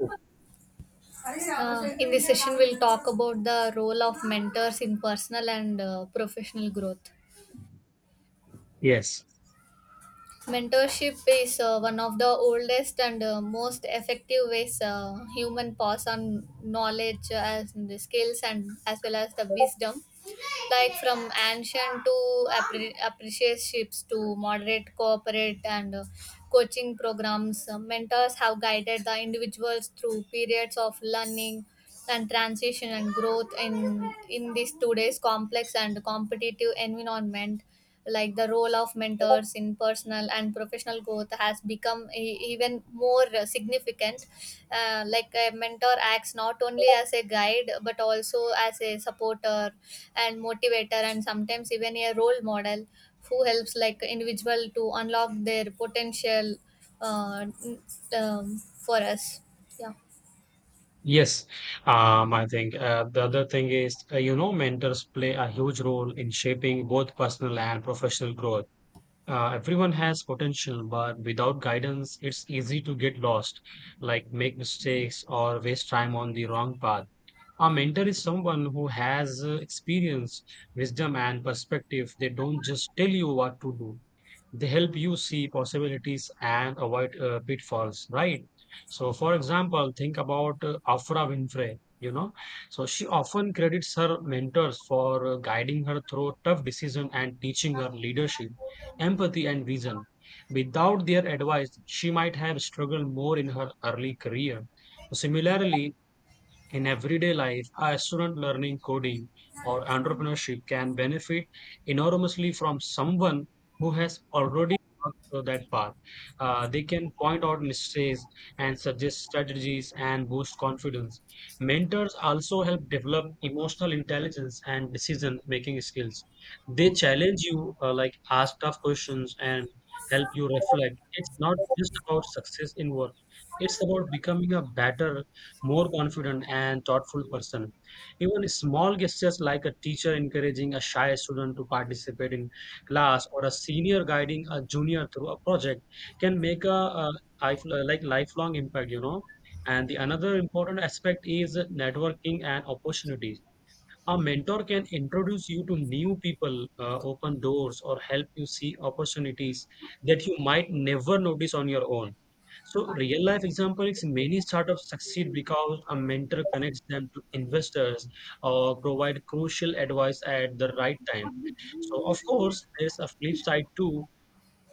Oh, In this session, we'll talk about the role of mentors in personal and professional growth. yes, Mentorship is one of the oldest and most effective ways human pass on knowledge, as the skills and as well as the wisdom. Like from ancient to apprenticeships to moderate corporate and coaching programs, mentors have guided the individuals through periods of learning and transition and growth in this today's complex and competitive environment, like the role of mentors in personal and professional growth has become even more significant. Like a mentor acts not only as a guide but also as a supporter and motivator, and sometimes even a role model who helps, like, individual to unlock their potential. uh, n- um, for us yeah yes. I think the other thing is, mentors play a huge role in shaping both personal and professional growth. Everyone has potential, but without guidance, it's easy to get lost, like make mistakes or waste time on the wrong path. A mentor is someone who has experience, wisdom, and perspective. They don't just tell you what to do. They help you see possibilities and avoid pitfalls, right? So for example, think about Afra Winfrey, you know. So she often credits her mentors for guiding her through tough decisions and teaching her leadership, empathy, and vision. Without their advice, she might have struggled more in her early career. So, similarly, in everyday life, a student learning coding or entrepreneurship can benefit enormously from someone who has already walked through that path. They can point out mistakes and suggest strategies and boost confidence. Mentors also help develop emotional intelligence and decision making skills. They challenge you, like ask tough questions and help you reflect. It's not just about success in work, it's about becoming a better, more confident and thoughtful person. Even small gestures like a teacher encouraging a shy student to participate in class or a senior guiding a junior through a project can make a like lifelong impact, you know. And the another important aspect is networking and opportunities. A mentor can introduce you to new people, open doors, or help you see opportunities that you might never notice on your own. So, real life example is many startups succeed because a mentor connects them to investors or provide crucial advice at the right time. So, of course, there's a flip side too.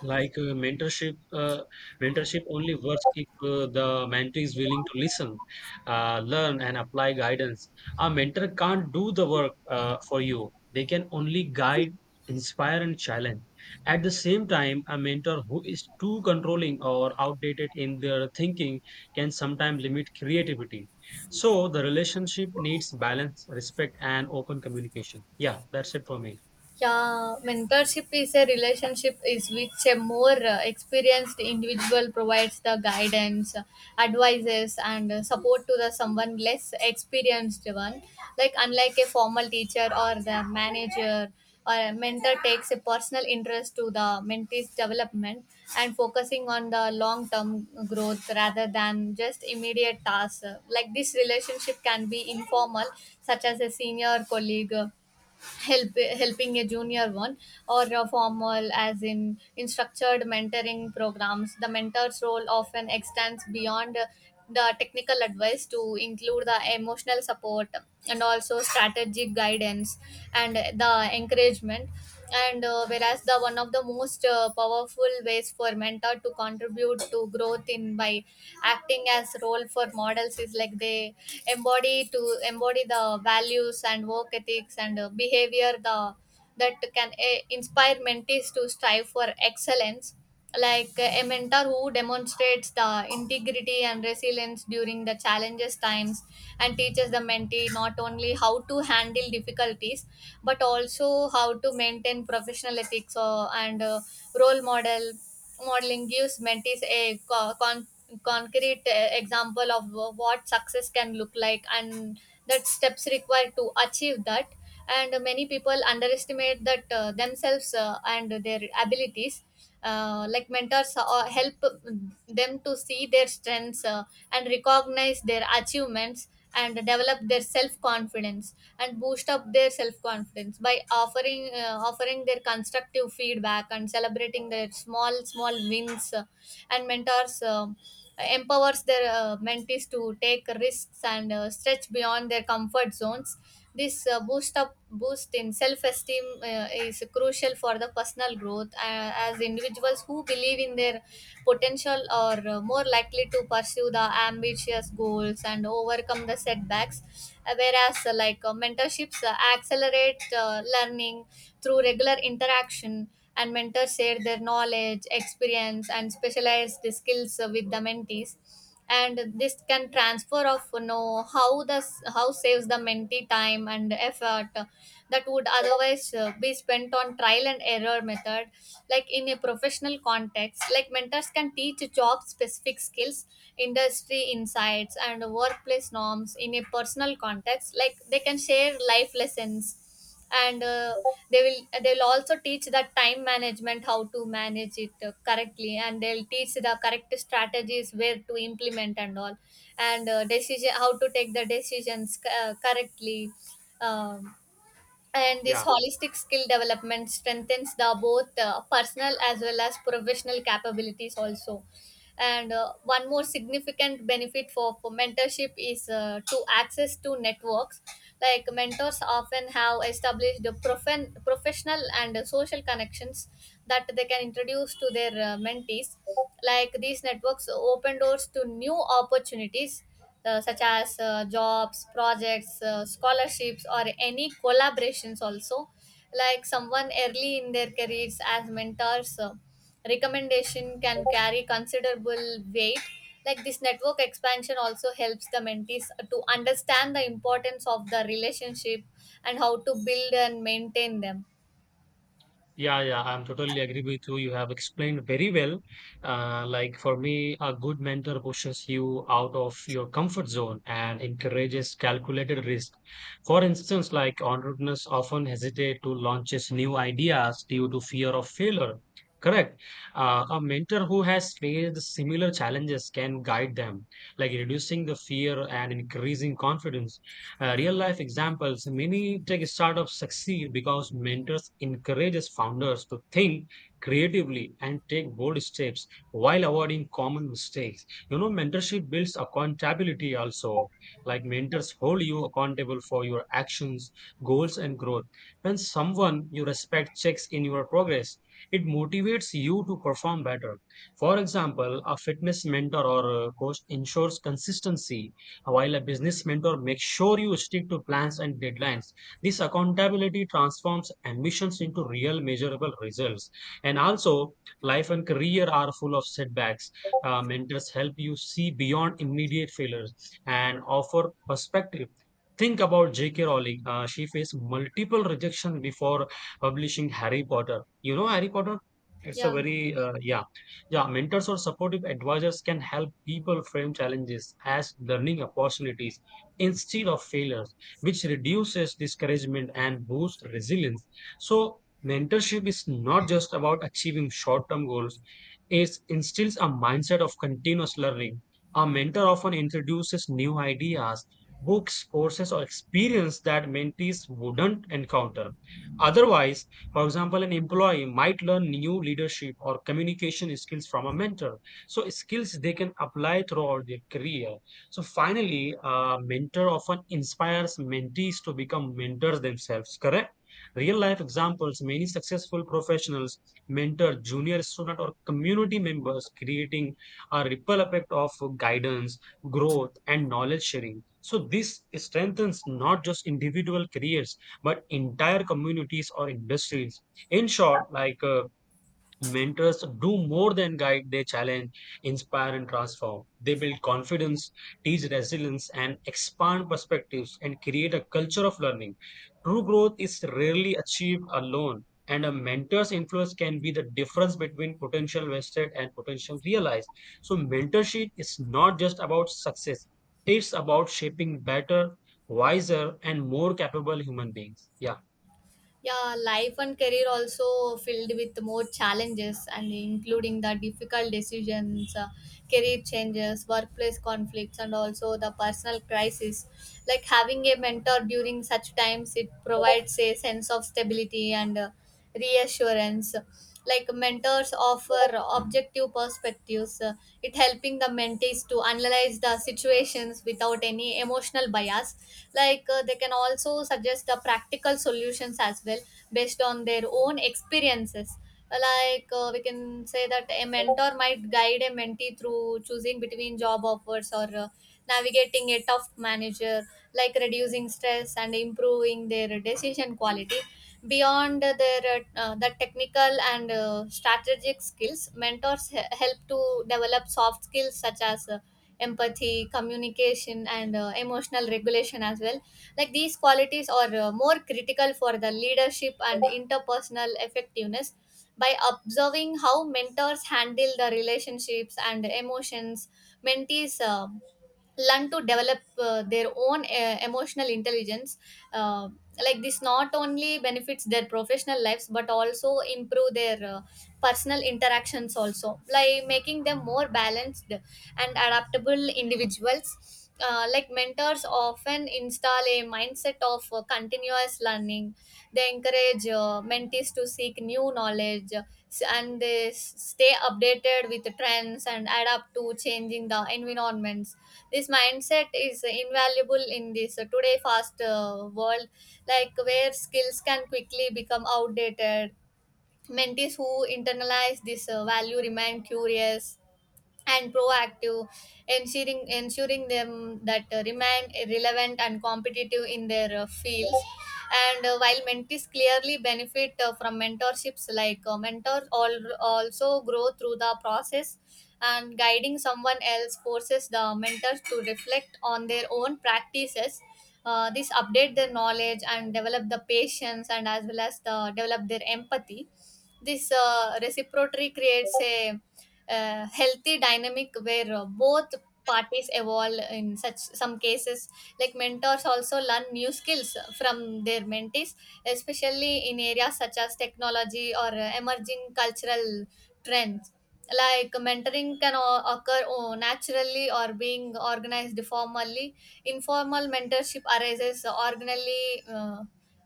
Like uh, mentorship, uh, Mentorship only works if the mentee is willing to listen, learn, and apply guidance. A mentor can't do the work for you. They can only guide, inspire, and challenge. At the same time, a mentor who is too controlling or outdated in their thinking can sometimes limit creativity. So the relationship needs balance, respect, and open communication. Yeah, that's it for me. Yeah, mentorship is a relationship is which a more experienced individual provides the guidance, advices, and support to the someone less experienced one. Like, unlike a formal teacher or the manager, or a mentor takes a personal interest to the mentee's development and focusing on the long-term growth rather than just immediate tasks. Like this relationship can be informal, such as a senior colleague helping a junior one, or a formal as in structured mentoring programs. The mentor's role often extends beyond the technical advice to include the emotional support and also strategic guidance and the encouragement. And whereas the one of the most powerful ways for mentor to contribute to growth in by acting as role for models is like they embody the values and work ethics and behavior the that can inspire mentees to strive for excellence. Like a mentor who demonstrates the integrity and resilience during the challenges times and teaches the mentee not only how to handle difficulties but also how to maintain professional ethics, and role modeling gives mentees a concrete example of what success can look like and that steps required to achieve that. And many people underestimate that themselves and their abilities. Like mentors help them to see their strengths, and recognize their achievements and develop their self confidence and boost up their self confidence by offering their constructive feedback and celebrating their small small wins. And mentors empowers their mentees to take risks and stretch beyond their comfort zones. This boost in self esteem is crucial for the personal growth, as individuals who believe in their potential are more likely to pursue the ambitious goals and overcome the setbacks. Whereas mentorships accelerate learning through regular interaction, and mentors share their knowledge, experience, and specialized skills with the mentees. And this can transfer of you know how the how saves the mentee time and effort that would otherwise be spent on trial and error method. Like in a professional context, like mentors can teach job specific skills, industry insights, and workplace norms in a personal context. Like they can share life lessons and they will also teach that time management, how to manage it correctly, and they'll teach the correct strategies where to implement and all, and decision how to take the decisions correctly. um, and this Yeah. holistic skill development strengthens the both personal as well as professional capabilities also. And one more significant benefit for mentorship is to access to networks. Like mentors often have established the professional and social connections that they can introduce to their mentees. Like these networks open doors to new opportunities, such as jobs, projects, scholarships, or any collaborations also. Like someone early in their careers, as mentors recommendation can carry considerable weight. Like this network expansion also helps the mentees to understand the importance of the relationship and how to build and maintain them. Yeah, yeah, I'm totally agree with you. You have explained very well. Like for me, a good mentor pushes you out of your comfort zone and encourages calculated risk. For instance, like entrepreneurs often hesitate to launches new ideas due to fear of failure. Correct. A mentor who has faced similar challenges can guide them, like reducing the fear and increasing confidence. Real life examples, many tech startups succeed because mentors encourages founders to think creatively and take bold steps while avoiding common mistakes. You know, mentorship builds accountability also. Like mentors hold you accountable for your actions, goals, and growth. When someone you respect checks in your progress, it motivates you to perform better. For example, a fitness mentor or coach ensures consistency, while a business mentor makes sure you stick to plans and deadlines. This accountability transforms ambitions into real measurable results. And also, life and career are full of setbacks. Mentors help you see beyond immediate failures and offer perspective. Think about J.K. Rowling. She faced multiple rejection before publishing Harry Potter. You know Harry Potter? It's a Yeah. very, yeah. Yeah, mentors or supportive advisors can help people frame challenges as learning opportunities instead of failures, which reduces discouragement and boosts resilience. So, mentorship is not just about achieving short term goals, it instills a mindset of continuous learning. A mentor often introduces new ideas, books, courses, or experience that mentees wouldn't encounter otherwise. For example, an employee might learn new leadership or communication skills from a mentor. So, skills they can apply throughout their career. So, finally, a mentor often inspires mentees to become mentors themselves, correct? Real life examples, many successful professionals mentor junior student or community members, creating a ripple effect of guidance, growth, and knowledge sharing. So, this strengthens not just individual careers but entire communities or industries. In short, mentors do more than guide, they challenge, inspire, and transform. They build confidence, teach resilience, and expand perspectives and create a culture of learning. True growth is rarely achieved alone. And a mentor's influence can be the difference between potential wasted and potential realized. So, mentorship is not just about success, it's about shaping better, wiser, and more capable human beings. Yeah. Yeah, life and career also filled with more challenges and including the difficult decisions, career changes, workplace conflicts, and also the personal crisis. Like having a mentor during such times, it provides a sense of stability and reassurance. Like mentors offer objective perspectives, it helping the mentees to analyze the situations without any emotional bias. Like they can also suggest the practical solutions as well, based on their own experiences. Like we can say that a mentor might guide a mentee through choosing between job offers or navigating a tough manager, like reducing stress and improving their decision quality. Beyond their the technical and strategic skills, mentors help to develop soft skills such as empathy, communication, and emotional regulation as well. Like these qualities are more critical for the leadership and interpersonal effectiveness. By observing how mentors handle the relationships and emotions, mentees learn to develop their own emotional intelligence. uh, like this not only benefits their professional lives but also improve their personal interactions also, like making them more balanced and adaptable individuals. Like mentors often install a mindset of continuous learning. They encourage mentees to seek new knowledge, and they stay updated with the trends and adapt to changing the environments. This mindset is invaluable in this today fast world, like where skills can quickly become outdated. Mentees who internalize this value remain curious and proactive, ensuring them that remain relevant and competitive in their fields. And while mentees clearly benefit from mentorships, like mentors all, also grow through the process, and guiding someone else forces the mentors to reflect on their own practices. This update their knowledge and develop the patience and as well as the develop their empathy. This reciprocity creates a healthy dynamic where both parties evolve in such some cases. Like mentors also learn new skills from their mentees, especially in areas such as technology or emerging cultural trends. Like mentoring can occur naturally or being organized formally. Informal mentorship arises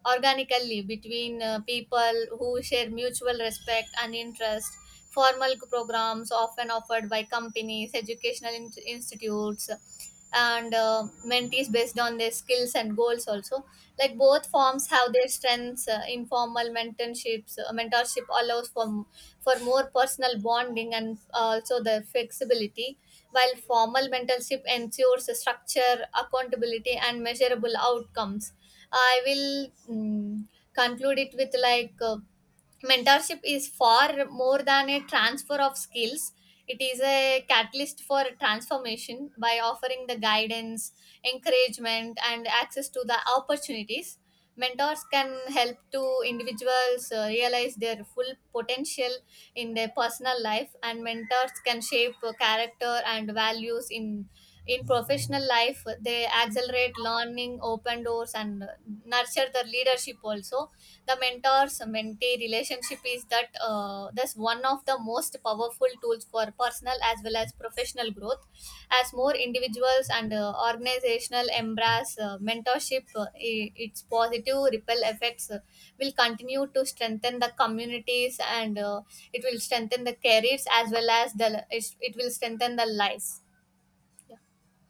organically between people who share mutual respect and interest. Formal programs often offered by companies, educational institutes, and mentees based on their skills and goals also. Like both forms have their strengths. Informal mentorship allows for more personal bonding and also the flexibility, while formal mentorship ensures a structure, accountability, and measurable outcomes. I will conclude it with, like, mentorship is far more than a transfer of skills. It is a catalyst for transformation. By offering the guidance, encouragement, and access to the opportunities, mentors can help to individuals realize their full potential. In their personal life, and mentors can shape character and values. In professional life, they accelerate learning, open doors, and nurture the leadership also. The mentors mentee relationship is that that's one of the most powerful tools for personal as well as professional growth. As more individuals and organizational embrace mentorship, its positive ripple effects will continue to strengthen the communities, and it will strengthen the careers, as well as it will strengthen the lives. Yeah.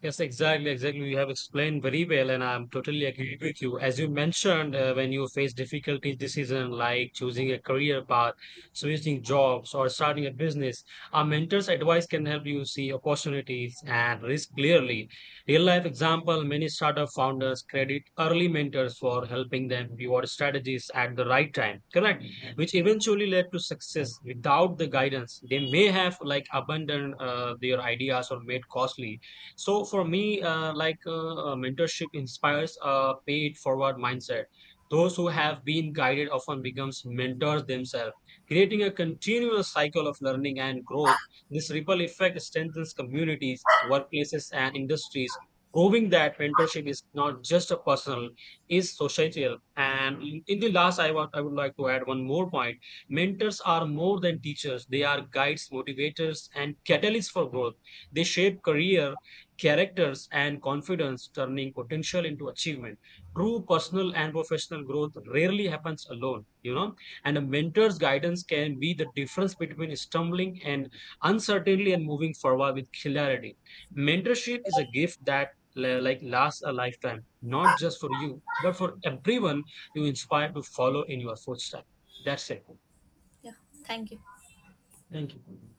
Yes, exactly, exactly. You have explained very well, and I'm totally agree with you. As you mentioned, when you face difficulties this season, like choosing a career path, switching jobs, or starting a business, our mentor's advice can help you see opportunities and risk clearly. Real life example: many startup founders credit early mentors for helping them pivot strategies at the right time, correct? Which eventually led to success. Without the guidance, they may have like abandoned their ideas or made costly. So for me, mentorship inspires a paid forward mindset. Those who have been guided often becomes mentors themselves, creating a continuous cycle of learning and growth. This ripple effect strengthens communities, workplaces, and industries, proving that mentorship is not just a personal, is societal. And in the last, I would like to add one more point. Mentors are more than teachers; they are guides, motivators, and catalysts for growth. They shape career characters and confidence, turning potential into achievement. True personal and professional growth rarely happens alone, you know. And a mentor's guidance can be the difference between stumbling and uncertainty and moving forward with clarity. Mentorship is a gift that like lasts a lifetime, not just for you but for everyone you inspire to follow in your footsteps. That's it. Yeah, thank you. Thank you.